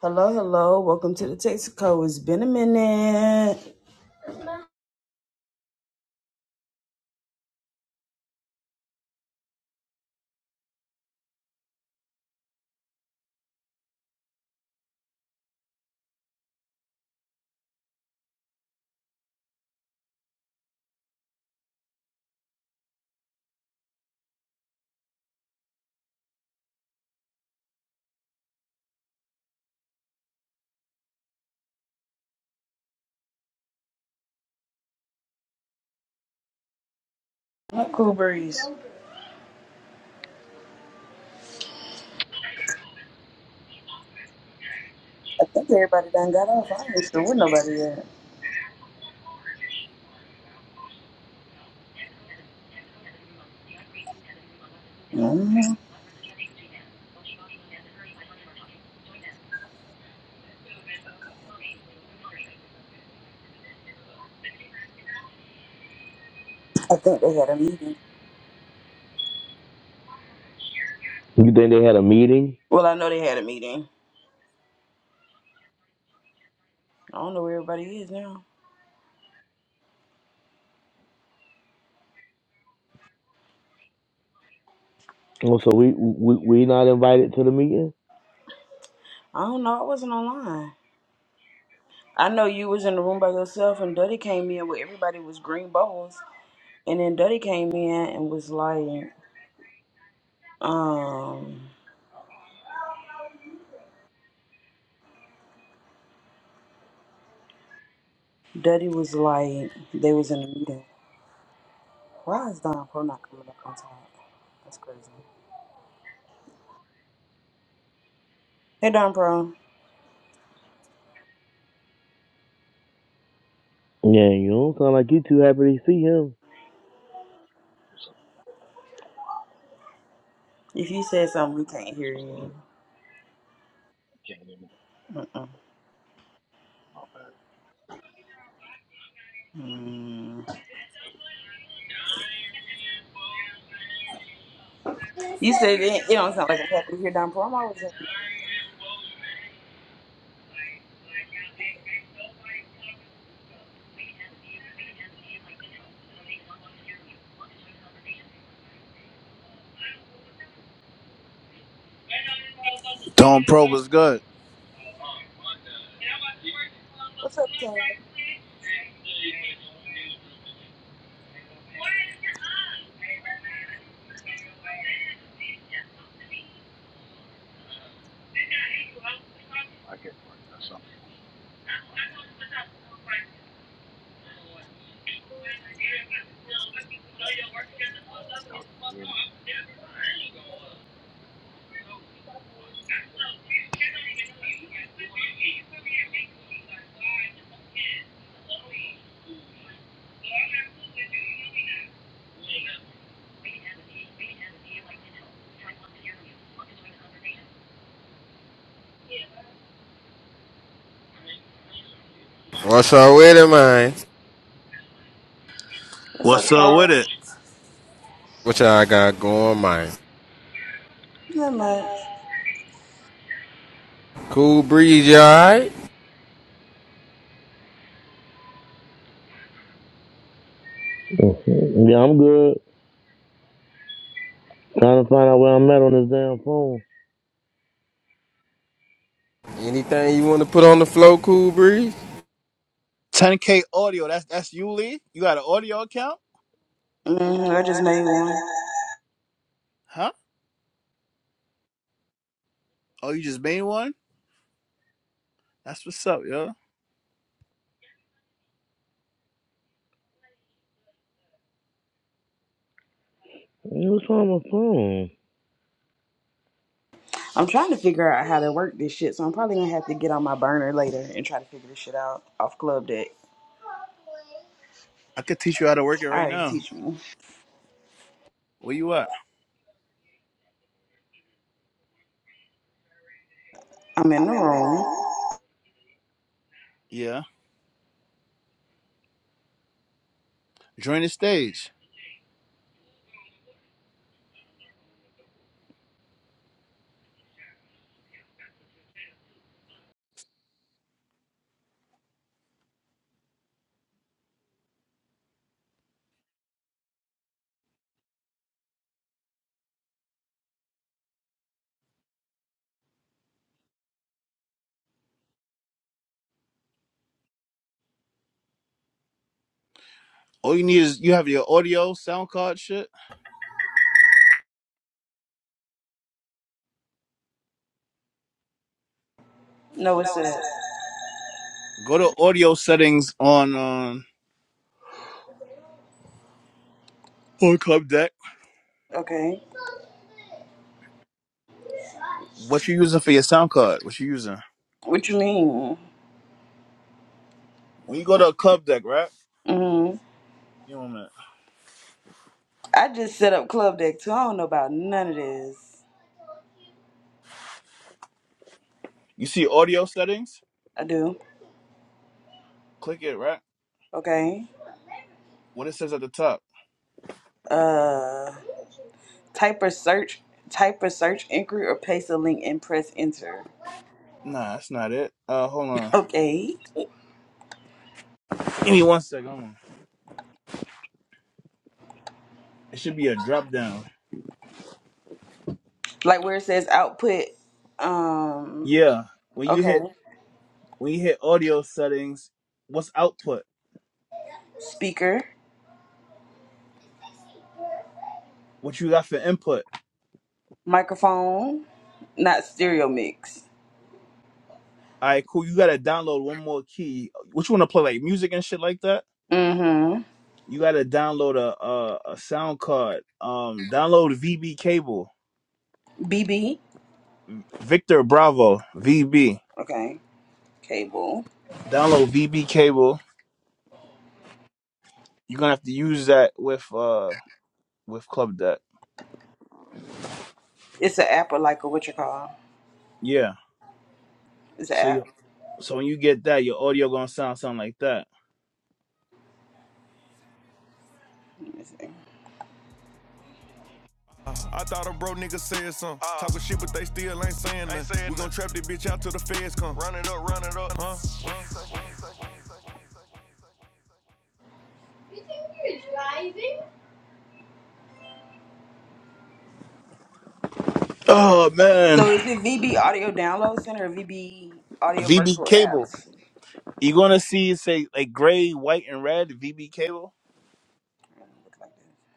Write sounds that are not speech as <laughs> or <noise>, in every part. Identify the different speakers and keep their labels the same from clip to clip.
Speaker 1: Hello, hello. Welcome to the Texaco. It's been a minute. What cool breeze? I think everybody done got off. I ain't sure where nobody at. mm I think they had a meeting.
Speaker 2: You think they had a meeting?
Speaker 1: Well, I know they had a meeting. I don't know where everybody is now.
Speaker 2: Oh, so we we we not invited to the meeting?
Speaker 1: I don't know. I wasn't online. I know you was in the room by yourself, and Duddy came in where everybody was green bubbles, and then Duddy came in and was like, um, Duddy was like, they was in a meeting. Why is Don Pro not coming up on time? That's crazy. Hey, Don Pro.
Speaker 2: Yeah, you don't sound like you too happy to see him.
Speaker 3: What's up,
Speaker 1: If you said something, we
Speaker 3: cool
Speaker 1: can't hear
Speaker 3: breezes?
Speaker 1: you.
Speaker 3: Can you hear me?
Speaker 1: Mm-mm.
Speaker 3: My bad.
Speaker 1: Mm. You said it, it don't sound like I'm happy to hear Don Pro. I'm always happy.
Speaker 4: Don Pro was good.
Speaker 1: What's up, Karen?
Speaker 3: I get working or something. Y'all can hear me?
Speaker 5: What's up with it, man?
Speaker 1: What's up,
Speaker 4: What's up with
Speaker 1: Carl?
Speaker 4: it?
Speaker 5: What y'all got going, man?
Speaker 1: Not much.
Speaker 5: Cool breeze, y'all right?
Speaker 2: Mhm. Yeah, I'm good. Trying to find out where I'm at on this damn phone.
Speaker 5: Anything you want to put on the flow, cool breeze?
Speaker 4: 10K audio. That's that's you, Lee. You got an audio account?
Speaker 1: Mm, I just made one.
Speaker 4: Huh? Oh, you just made one? That's what's up, yo.
Speaker 2: Hey, What's wrong with my phone?
Speaker 1: I'm trying to figure out how to work this shit, so I'm probably gonna have to get on my burner later and try to figure this shit out off Club Deck.
Speaker 4: I could teach you how to work it
Speaker 1: All
Speaker 4: right
Speaker 1: right,
Speaker 4: now.
Speaker 1: teach me.
Speaker 4: Where you at?
Speaker 1: I'm in the room.
Speaker 4: Yeah. Join the stage. All you need is you have your audio, sound card shit.
Speaker 1: No, it's up.
Speaker 4: Go to audio settings on um on Club Deck.
Speaker 1: Okay.
Speaker 4: What you using for your sound card? What you using?
Speaker 1: What you mean?
Speaker 4: When you go to Club Deck, right?
Speaker 1: Mm.
Speaker 4: You know what I mean?
Speaker 1: I just set up Club Deck too. I don't know about none of this.
Speaker 4: You see audio settings?
Speaker 1: I do.
Speaker 4: Click it, right?
Speaker 1: Okay.
Speaker 4: What it says at the top.
Speaker 1: Uh, type a search, type a search inquiry, or paste a link and press enter.
Speaker 4: Nah, that's not it. Uh hold on.
Speaker 1: Okay,
Speaker 4: Give me one second. hold on. It should be a drop down.
Speaker 1: like where it says output. Um,
Speaker 4: Yeah. When you hit
Speaker 1: okay,
Speaker 4: when you hit audio settings, what's output?
Speaker 1: speaker,
Speaker 4: What you got for input?
Speaker 1: microphone, not stereo mix.
Speaker 4: All right, cool. You gotta download one more key. What you wanna play like music and shit like that?
Speaker 1: Mm-hmm.
Speaker 4: You gotta download a a, a sound card. Um, download VB cable.
Speaker 1: B. B.
Speaker 4: Victor Bravo VB.
Speaker 1: Okay, cable.
Speaker 4: Download VB cable. You're gonna have to use that with uh with Club Deck.
Speaker 1: It's an app or like a what you call?
Speaker 4: Yeah.
Speaker 1: It's an
Speaker 4: So you
Speaker 1: app.
Speaker 4: so when you get that, your audio gonna sound sound like that.
Speaker 1: Let me see.
Speaker 6: I thought a bro nigga said something. Uh, Talking shit, but they still ain't saying nothing. We gon' trap this bitch out till the feds come. Run it up, run it up, huh?
Speaker 4: Oh man.
Speaker 1: So is it VB Audio Download Center or VB Audio
Speaker 4: VB
Speaker 1: Virtual
Speaker 4: cable.
Speaker 1: Apps?
Speaker 4: You gonna see it say like gray, white, and red VB cable?
Speaker 1: Look like this.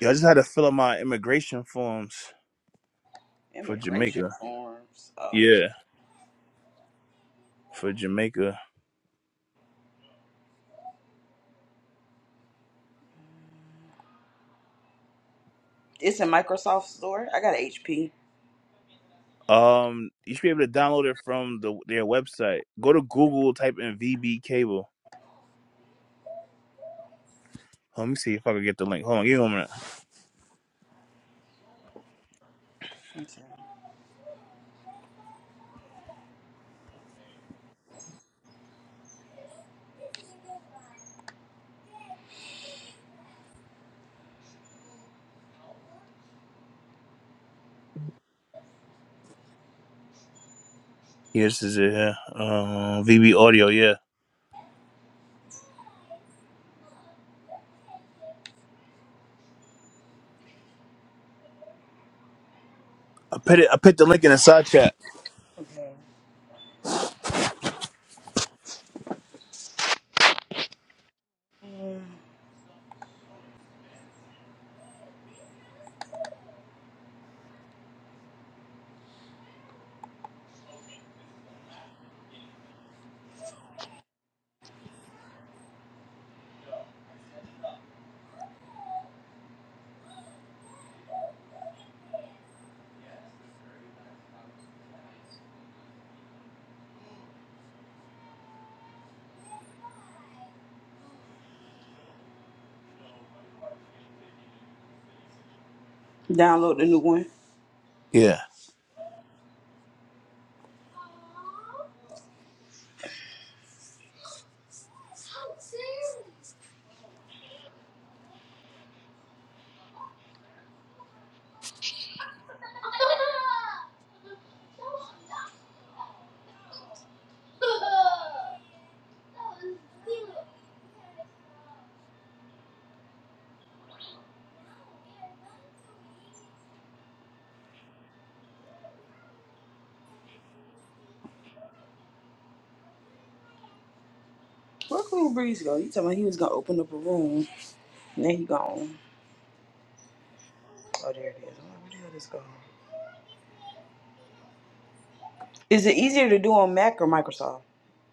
Speaker 4: Yeah, I just had to fill out my immigration forms for
Speaker 1: Immigration
Speaker 4: Jamaica.
Speaker 1: forms. Oh.
Speaker 4: Yeah, for Jamaica.
Speaker 1: It's a Microsoft store. I got an HP.
Speaker 4: Um, you should be able to download it from the their website. Go to Google, type in VB cable. Let me see if I can get the link. Hold on, give me a minute.
Speaker 1: Okay.
Speaker 4: Yeah, this is it. Yeah. Um, VB audio. Yeah, I put it. I put the link in the side chat.
Speaker 1: Okay. Mm. Download the new one.
Speaker 4: Yeah.
Speaker 1: Where Cool Breeze go? You talking about he was gonna open up a room. Now he gone. Oh, there it is. I'm like, Where the hell this gone? Is it easier to do on Mac or Microsoft?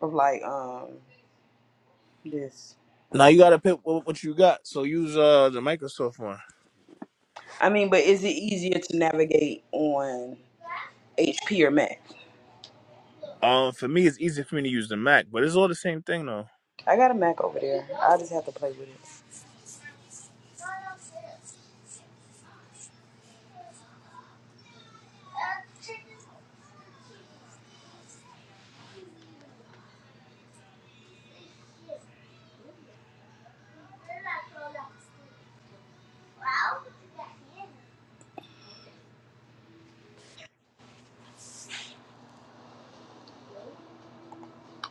Speaker 1: Of like um this.
Speaker 4: Now you gotta pick what, what you got. So use uh the Microsoft one.
Speaker 1: I mean, but is it easier to navigate on HP or Mac?
Speaker 4: Um, for me, it's easy for me to use the Mac, but it's all the same thing though.
Speaker 1: I got a Mac over there. I just have to play with it.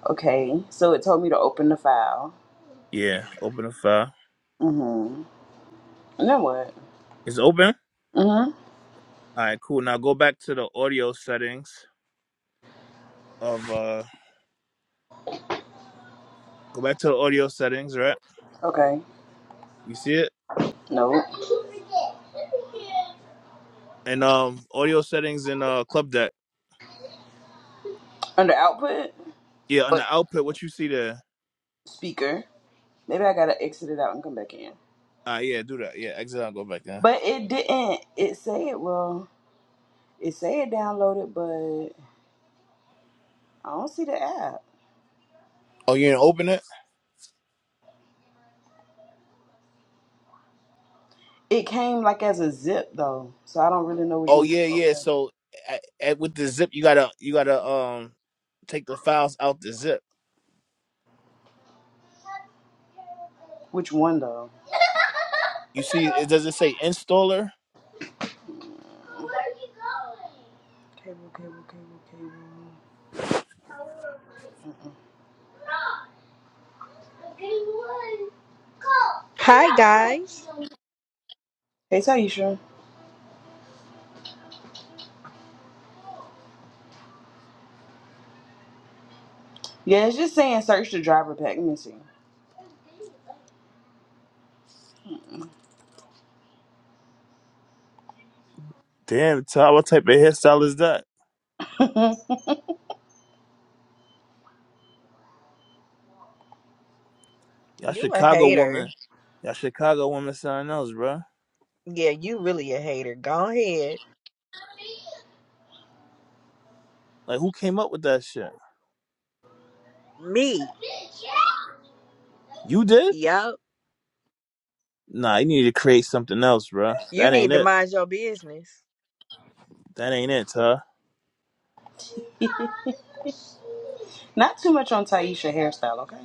Speaker 1: Okay. So it told me to open the file.
Speaker 4: Yeah, open the file.
Speaker 1: Mm-hmm. And then what?
Speaker 4: It's open.
Speaker 1: Mm-hmm.
Speaker 4: All right, cool. Now go back to the audio settings of uh go back to the audio settings, right?
Speaker 1: Okay.
Speaker 4: You see it?
Speaker 1: No.
Speaker 4: And um audio settings in uh club deck.
Speaker 1: Under output,
Speaker 4: Yeah, on the
Speaker 1: But
Speaker 4: output, what you see there.
Speaker 1: speaker. Maybe I gotta exit it out and come back in.
Speaker 4: Ah, yeah, do that. Yeah, exit out, go back there.
Speaker 1: But it didn't. It said, well, it said downloaded, but I don't see the app.
Speaker 4: Oh, you didn't open it?
Speaker 1: It came like as a zip though, so I don't really know which
Speaker 4: Oh
Speaker 1: one. To
Speaker 4: yeah, yeah.
Speaker 1: open.
Speaker 4: So at, with the zip you gotta you gotta um take the files out the zip.
Speaker 1: Which one though?
Speaker 4: You see it does it say installer?
Speaker 1: Cable, cable, cable, cable. Mm-mm.
Speaker 7: Hi guys.
Speaker 1: Hey, Taisha. Yeah, it's just saying search the driver pack. Let me see.
Speaker 4: Damn, Todd, what type of hairstyle is that? Y'all
Speaker 7: You a
Speaker 4: Chicago
Speaker 7: hater.
Speaker 4: woman. Y'all Chicago woman something else, bro.
Speaker 7: Yeah, you really a hater. Go ahead.
Speaker 4: Like, who came up with that shit?
Speaker 7: Me.
Speaker 4: You did?
Speaker 7: Yup.
Speaker 4: Nah, you need to create something else, bruh.
Speaker 7: You
Speaker 4: That ain't
Speaker 7: need to
Speaker 4: it.
Speaker 7: mind your business.
Speaker 4: That ain't it, huh?
Speaker 1: <laughs> Not too much on Taisha hairstyle, okay?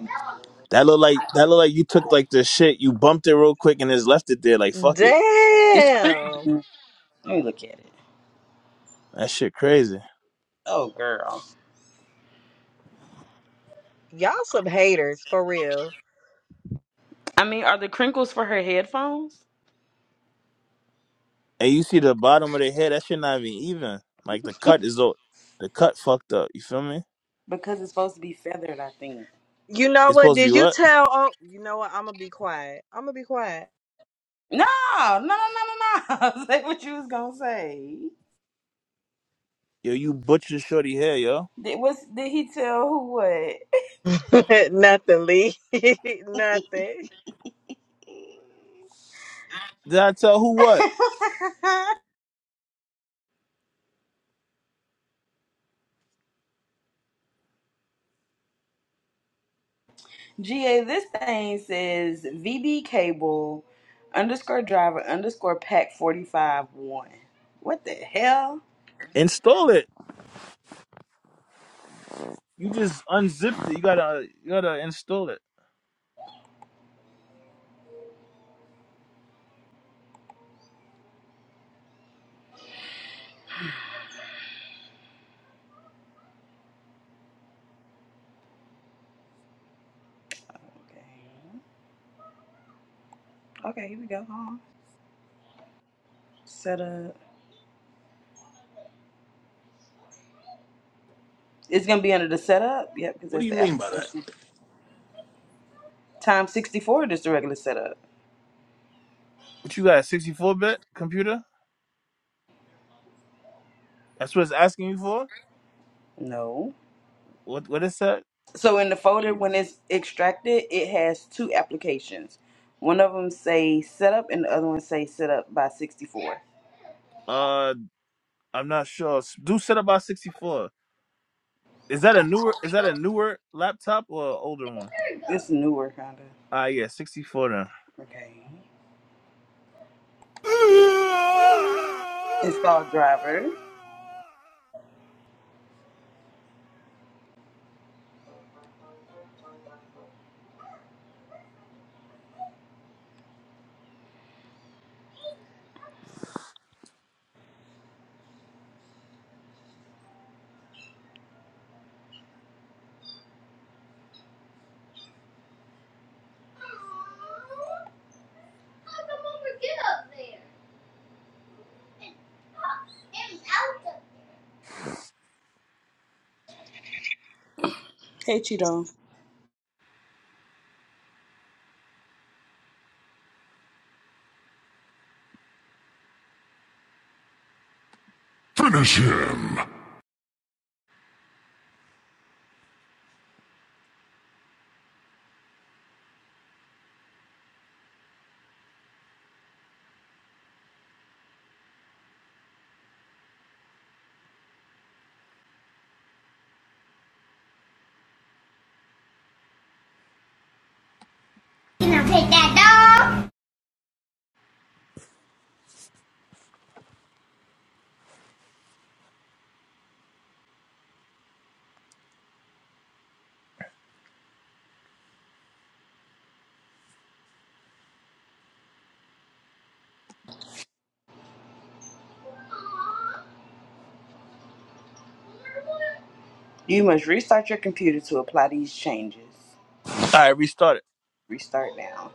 Speaker 4: That look like that look like you took like the shit, you bumped it real quick and just left it there. Like fuck it.
Speaker 1: It's
Speaker 7: Damn.
Speaker 1: crazy. Let me look at it.
Speaker 4: That shit crazy.
Speaker 1: Oh, girl.
Speaker 7: Y'all some haters for real.
Speaker 1: I mean, are the crinkles for her headphones?
Speaker 4: And you see the bottom of the head, that shit not even even. Like the cut is all the cut fucked up. You feel me?
Speaker 1: Because it's supposed to be feathered, I think.
Speaker 7: You know
Speaker 4: It's
Speaker 7: what?
Speaker 4: supposed to be
Speaker 7: Did you
Speaker 4: what?
Speaker 7: tell oh you know what? I'ma be quiet. I'ma be quiet.
Speaker 1: No, no, no, no, no, no. <laughs> say what you was gonna say.
Speaker 4: Yo, you butchered shorty hair, yo.
Speaker 1: Did, what's, did he tell who what?
Speaker 7: <laughs> Nothing, Lee. <laughs> Nothing.
Speaker 4: Did I tell who what?
Speaker 1: <laughs> GA, this thing says VB cable underscore driver underscore pack 45 1. What the hell?
Speaker 4: Install it. You just unzipped it. You gotta you gotta install it.
Speaker 1: Okay, okay, here we go. Hold on. Setup. It's gonna be under the setup. Yep, because
Speaker 6: What do
Speaker 1: that's
Speaker 6: you
Speaker 1: the
Speaker 6: mean by that?
Speaker 1: application. Time 64, just the regular setup.
Speaker 4: What you got? A 64 bit computer? That's what it's asking you for?
Speaker 1: No.
Speaker 4: what what is that?
Speaker 1: So in the folder,
Speaker 3: She
Speaker 1: when it's extracted, it has two applications. One of them say setup, and the other one say setup by 64.
Speaker 4: Uh, I'm not sure. Do set about 64. Is that a newer? Is that a newer laptop or an older one?
Speaker 1: It's newer, kinda.
Speaker 4: Ah, yeah, 64 then.
Speaker 1: Okay. Install driver. Hey, Cheeto.
Speaker 6: You gonna that dog?
Speaker 1: You must restart your computer to apply these changes.
Speaker 4: All right, restart it.
Speaker 1: Restart now.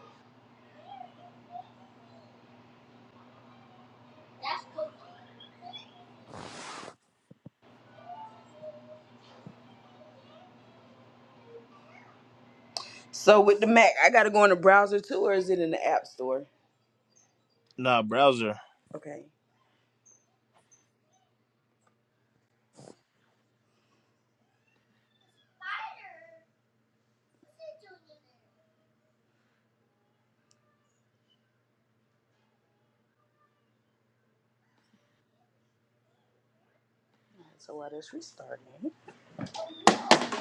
Speaker 1: So with the Mac, I gotta go in the browser too, or is it in the App Store?
Speaker 4: Nah, browser.
Speaker 1: Okay. So while that's restarting.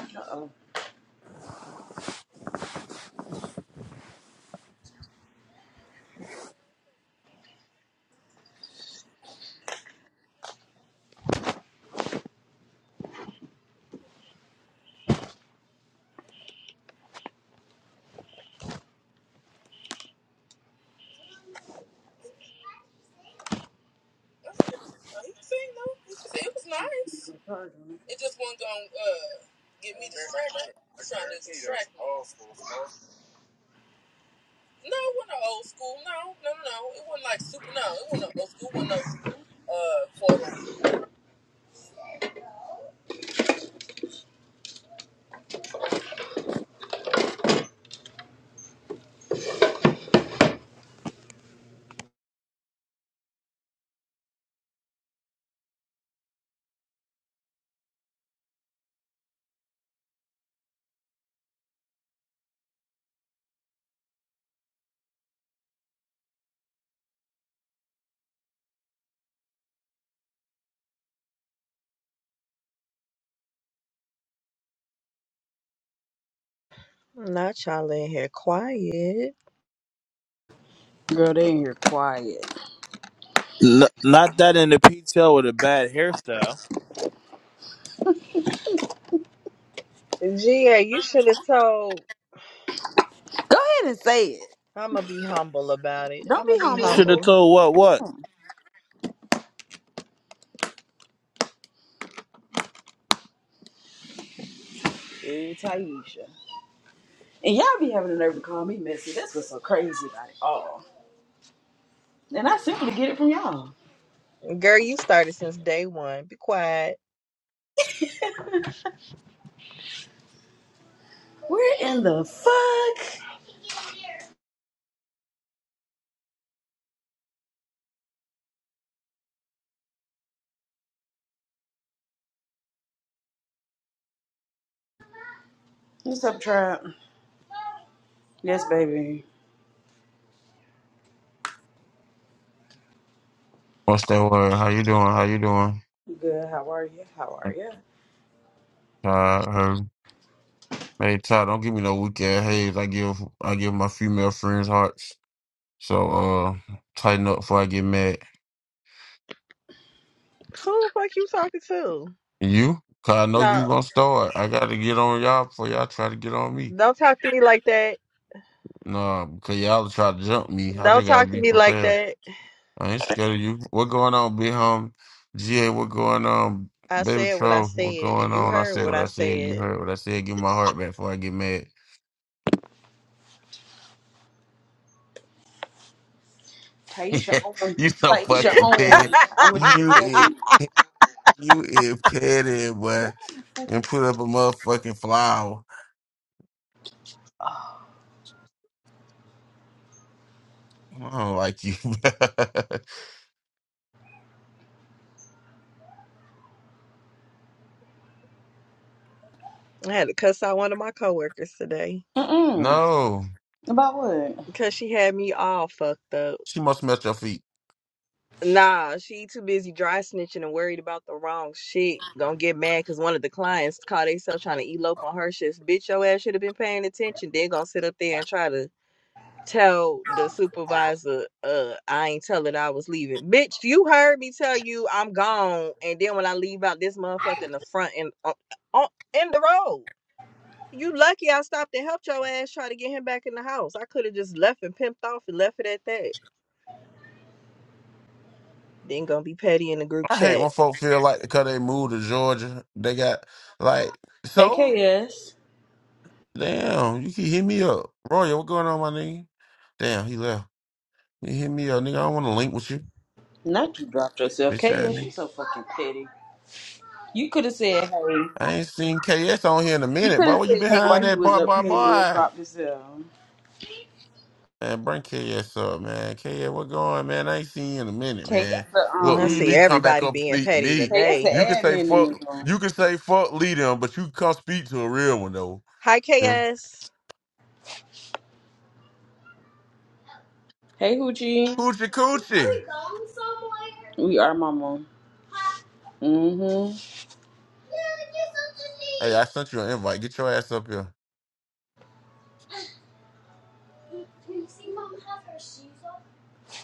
Speaker 1: Uh-oh.
Speaker 7: Not y'all in here quiet.
Speaker 1: Girl, they in here quiet.
Speaker 4: N- not that in the ponytail with a bad hairstyle.
Speaker 7: Ga, you should have told
Speaker 1: Go ahead and say it.
Speaker 7: I'ma be humble about it.
Speaker 1: Don't
Speaker 7: I'ma
Speaker 1: be
Speaker 7: be
Speaker 1: humble.
Speaker 4: Should have
Speaker 7: humble.
Speaker 4: told what what.
Speaker 1: Ooh, Taisha. And y'all be having the nerve to call me messy. That's what's so crazy about it all. And I simply get it from y'all.
Speaker 7: Girl, you started since day one. Be quiet.
Speaker 1: Where in the fuck? What's up, Trap? Yes, baby.
Speaker 8: What's that word? How you doing? How you doing?
Speaker 1: Good. How are you? How are you?
Speaker 8: Todd, her. Hey, Todd, don't give me no weak ass haze. I give I give my female friends hearts. So uh tighten up before I get mad.
Speaker 7: Who the fuck you talking to?
Speaker 8: And You? Cause I know you
Speaker 7: No,
Speaker 8: gonna start. I gotta get on y'all before y'all try to get on me.
Speaker 7: don't talk to me like that.
Speaker 8: Nah, because y'all try to jump me. I
Speaker 7: Don't
Speaker 8: just gotta
Speaker 7: talk to
Speaker 8: be
Speaker 7: me like
Speaker 8: prepared.
Speaker 7: that.
Speaker 8: I ain't scared of you. What going on, big home. GA, what going on?
Speaker 7: I
Speaker 8: Baby
Speaker 7: said what I
Speaker 8: Tro, what
Speaker 7: said, and
Speaker 8: going
Speaker 7: you
Speaker 8: on? I
Speaker 7: heard
Speaker 8: said
Speaker 7: what
Speaker 8: what
Speaker 7: I
Speaker 8: I said. You
Speaker 7: said.
Speaker 8: heard what I said. Give my heart back before I get mad. <laughs>
Speaker 1: Taisha on.
Speaker 8: you so
Speaker 7: <laughs>
Speaker 1: Taisha
Speaker 8: fucking petty.
Speaker 1: on. I'm gonna just
Speaker 8: You
Speaker 1: tell
Speaker 8: is
Speaker 7: I
Speaker 1: you.
Speaker 8: you is petty,
Speaker 1: Where
Speaker 8: boy.
Speaker 1: the fuck
Speaker 8: And
Speaker 1: is?
Speaker 8: put up a motherfucking flower. I don't like you. <laughs>
Speaker 7: had to cuss out one of my coworkers today
Speaker 1: Mm-mm.
Speaker 8: no,
Speaker 1: About what?
Speaker 7: because she had me all fucked up.
Speaker 8: she must mess your feet.
Speaker 7: Nah, she too busy dry snitching and worried about the wrong shit. Gonna get mad because one of the clients caught themselves trying to elope on her shit. Bitch, your ass should have been paying attention. Then gonna sit up there and try to tell the supervisor uh I ain't tell it I was leaving. Bitch, you heard me tell you I'm gone and then when I leave out this motherfucker in the front and on, on in the road. You lucky I stopped and helped your ass try to get him back in the house. I could have just left and pimped off and left it at that. Then gonna be petty in the group
Speaker 8: I hate
Speaker 7: chat.
Speaker 8: when folk feel like because they moved to Georgia, they got like
Speaker 1: Hey,
Speaker 8: so.
Speaker 1: KS.
Speaker 8: Damn, you can hit me up, Royal. What going on, my nigga? Damn, he left. You hit me up, nigga. I don't want to link with you,
Speaker 1: Not you dropped yourself.
Speaker 8: bitch ass
Speaker 1: KS, you
Speaker 8: nigga.
Speaker 1: so fucking petty. You could have said, hey.
Speaker 8: I ain't seen KS on here in a
Speaker 1: You
Speaker 8: minute,
Speaker 1: could
Speaker 8: boy.
Speaker 1: have
Speaker 8: Where you
Speaker 1: said, hey,
Speaker 8: behind
Speaker 1: while he
Speaker 8: that
Speaker 1: was
Speaker 8: boy,
Speaker 1: up
Speaker 8: boy,
Speaker 1: here and then
Speaker 8: boy?
Speaker 1: dropped yourself.
Speaker 8: Man, bring KS up, man. KS, what going, man? I ain't seen you in a minute,
Speaker 1: Taya's
Speaker 8: man.
Speaker 1: the
Speaker 7: And
Speaker 8: Look,
Speaker 7: I
Speaker 8: you
Speaker 7: see
Speaker 1: um
Speaker 8: leave, come back
Speaker 7: everybody
Speaker 8: up,
Speaker 7: being
Speaker 8: speak to
Speaker 7: petty
Speaker 8: me.
Speaker 1: Taya's the
Speaker 7: today.
Speaker 8: You can say
Speaker 1: admin in
Speaker 8: fuck,
Speaker 1: the room.
Speaker 8: you can say fuck, lead them, but you can come speak to a real one though.
Speaker 7: Hi
Speaker 8: Yeah.
Speaker 7: KS.
Speaker 1: Hey Hoochie.
Speaker 8: Coochie, coochie.
Speaker 1: We are mama. Mm-hmm.
Speaker 8: Hey, I sent you an invite. Get your ass up here.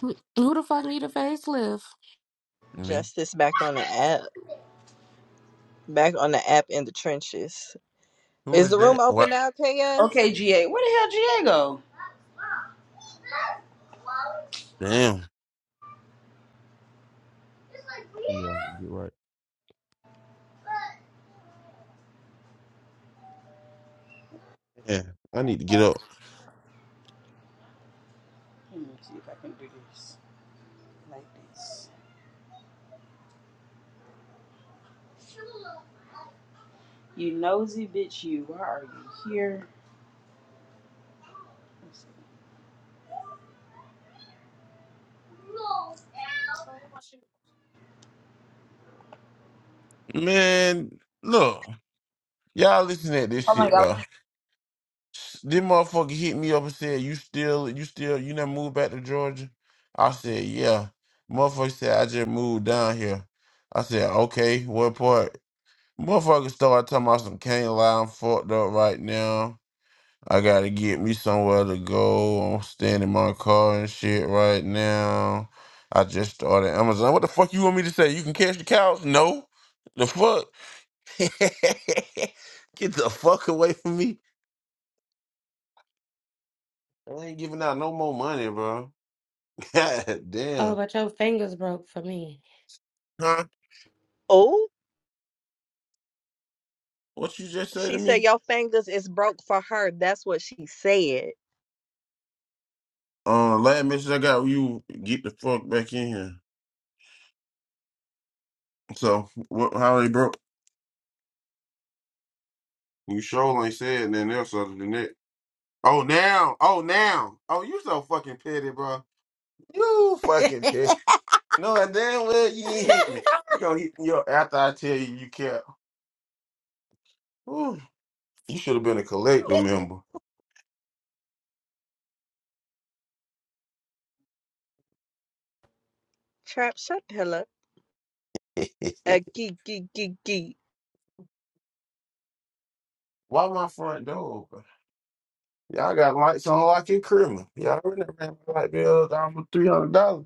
Speaker 9: Who who the fuck need a facelift?
Speaker 8: Me.
Speaker 7: Justice back on the app. Back on the app in the trenches.
Speaker 8: Who
Speaker 7: Is
Speaker 8: is
Speaker 7: the room
Speaker 8: that?
Speaker 7: open
Speaker 8: What?
Speaker 7: now, KS?
Speaker 1: Okay, GA. Where the hell GA go?
Speaker 8: Damn. Yeah, get right. Yeah, I need to get up,
Speaker 1: Let me see if I can do this. Like this. You nosy bitch you. Why are you here? Let's see.
Speaker 8: man. Look, y'all listening at this
Speaker 1: Oh my
Speaker 8: shit,
Speaker 1: god.
Speaker 8: bro. This motherfucker hit me up and said, "You still, you still, you never moved back to Georgia?" I said, "Yeah." Motherfucker said, "I just moved down here." I said, "Okay, what part?" Motherfucker started talking about some can't lie. I'm fucked up right now. I gotta get me somewhere to go. I'm standing in my car and shit right now. I just started Amazon. What the fuck you want me to say? You can catch the couch? No. The fuck? <laughs> Get the fuck away from me. I ain't giving out no more money, bro. <laughs> God
Speaker 9: Oh,
Speaker 8: damn.
Speaker 9: but your fingers broke for me.
Speaker 8: Huh?
Speaker 7: Oh.
Speaker 8: What you just say to
Speaker 7: She said
Speaker 8: me?
Speaker 7: your fingers is broke for her. That's what she said.
Speaker 8: Uh, last message I got you, get the fuck back in here. So, what? How they broke? You sure ain't said nothing else other than that. Oh, now. Oh, now. Oh, you so fucking petty, bro. You fucking petty. No, and damn well you ain't hit me. You gonna hit me up after I tell you you care. Ooh, you should have been a collector member.
Speaker 7: Trap, shut the hell up.
Speaker 8: <laughs>
Speaker 7: A geek, geek, geek, geek.
Speaker 8: Why my front door? Y'all got lights on like you criminal. Y'all already ran my light bill down for three hundred dollars.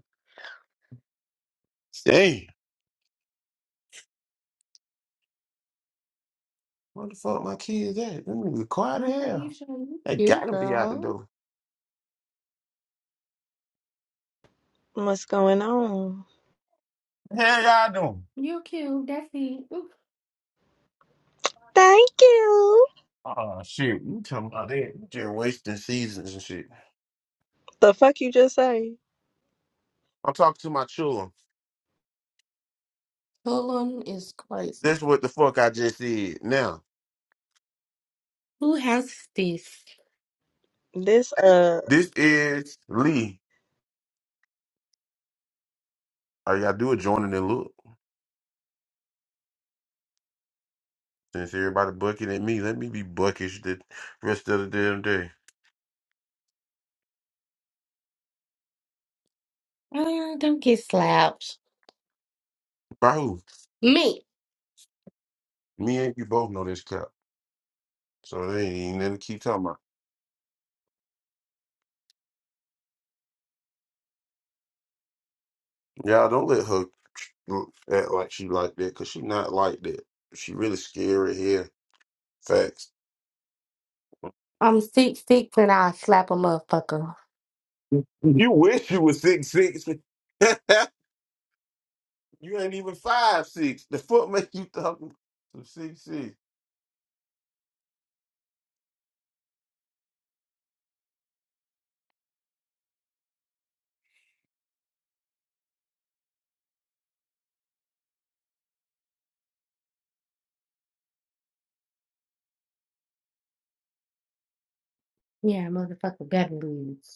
Speaker 8: Damn. What the fuck my kids at? Them niggas quiet as
Speaker 9: Okay, you
Speaker 8: hell.
Speaker 9: sure?
Speaker 8: They
Speaker 9: You
Speaker 8: gotta be out the
Speaker 9: girl.
Speaker 8: door.
Speaker 7: What's going on?
Speaker 8: The Hell y'all doing?
Speaker 9: You're cute. That's it. Ooh.
Speaker 7: Thank you.
Speaker 8: Oh shit, you talking about that. You Just wasting seasons and shit.
Speaker 7: The fuck you just say?
Speaker 8: I'm talking to my children.
Speaker 9: Pulling is crazy.
Speaker 8: That's what the fuck I just said. Now,
Speaker 9: Who has this?
Speaker 7: This uh
Speaker 8: this is Lee. All you got do is join in and look. Since everybody bucking at me, let me be buckish the rest of the damn day.
Speaker 9: Uh, don't get slapped.
Speaker 8: By who?
Speaker 9: Me.
Speaker 8: Me and you both know this crap. So they ain't even gonna keep talking about. Y'all don't let her act like she like that, cause she not like that. She really scary here. Facts.
Speaker 9: I'm six six and I slap a motherfucker.
Speaker 8: You wish you was six six. <laughs> you ain't even five six. The foot make you talking to six six.
Speaker 9: Yeah, motherfucker better lose.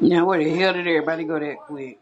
Speaker 1: Now where the hell did everybody go that quick?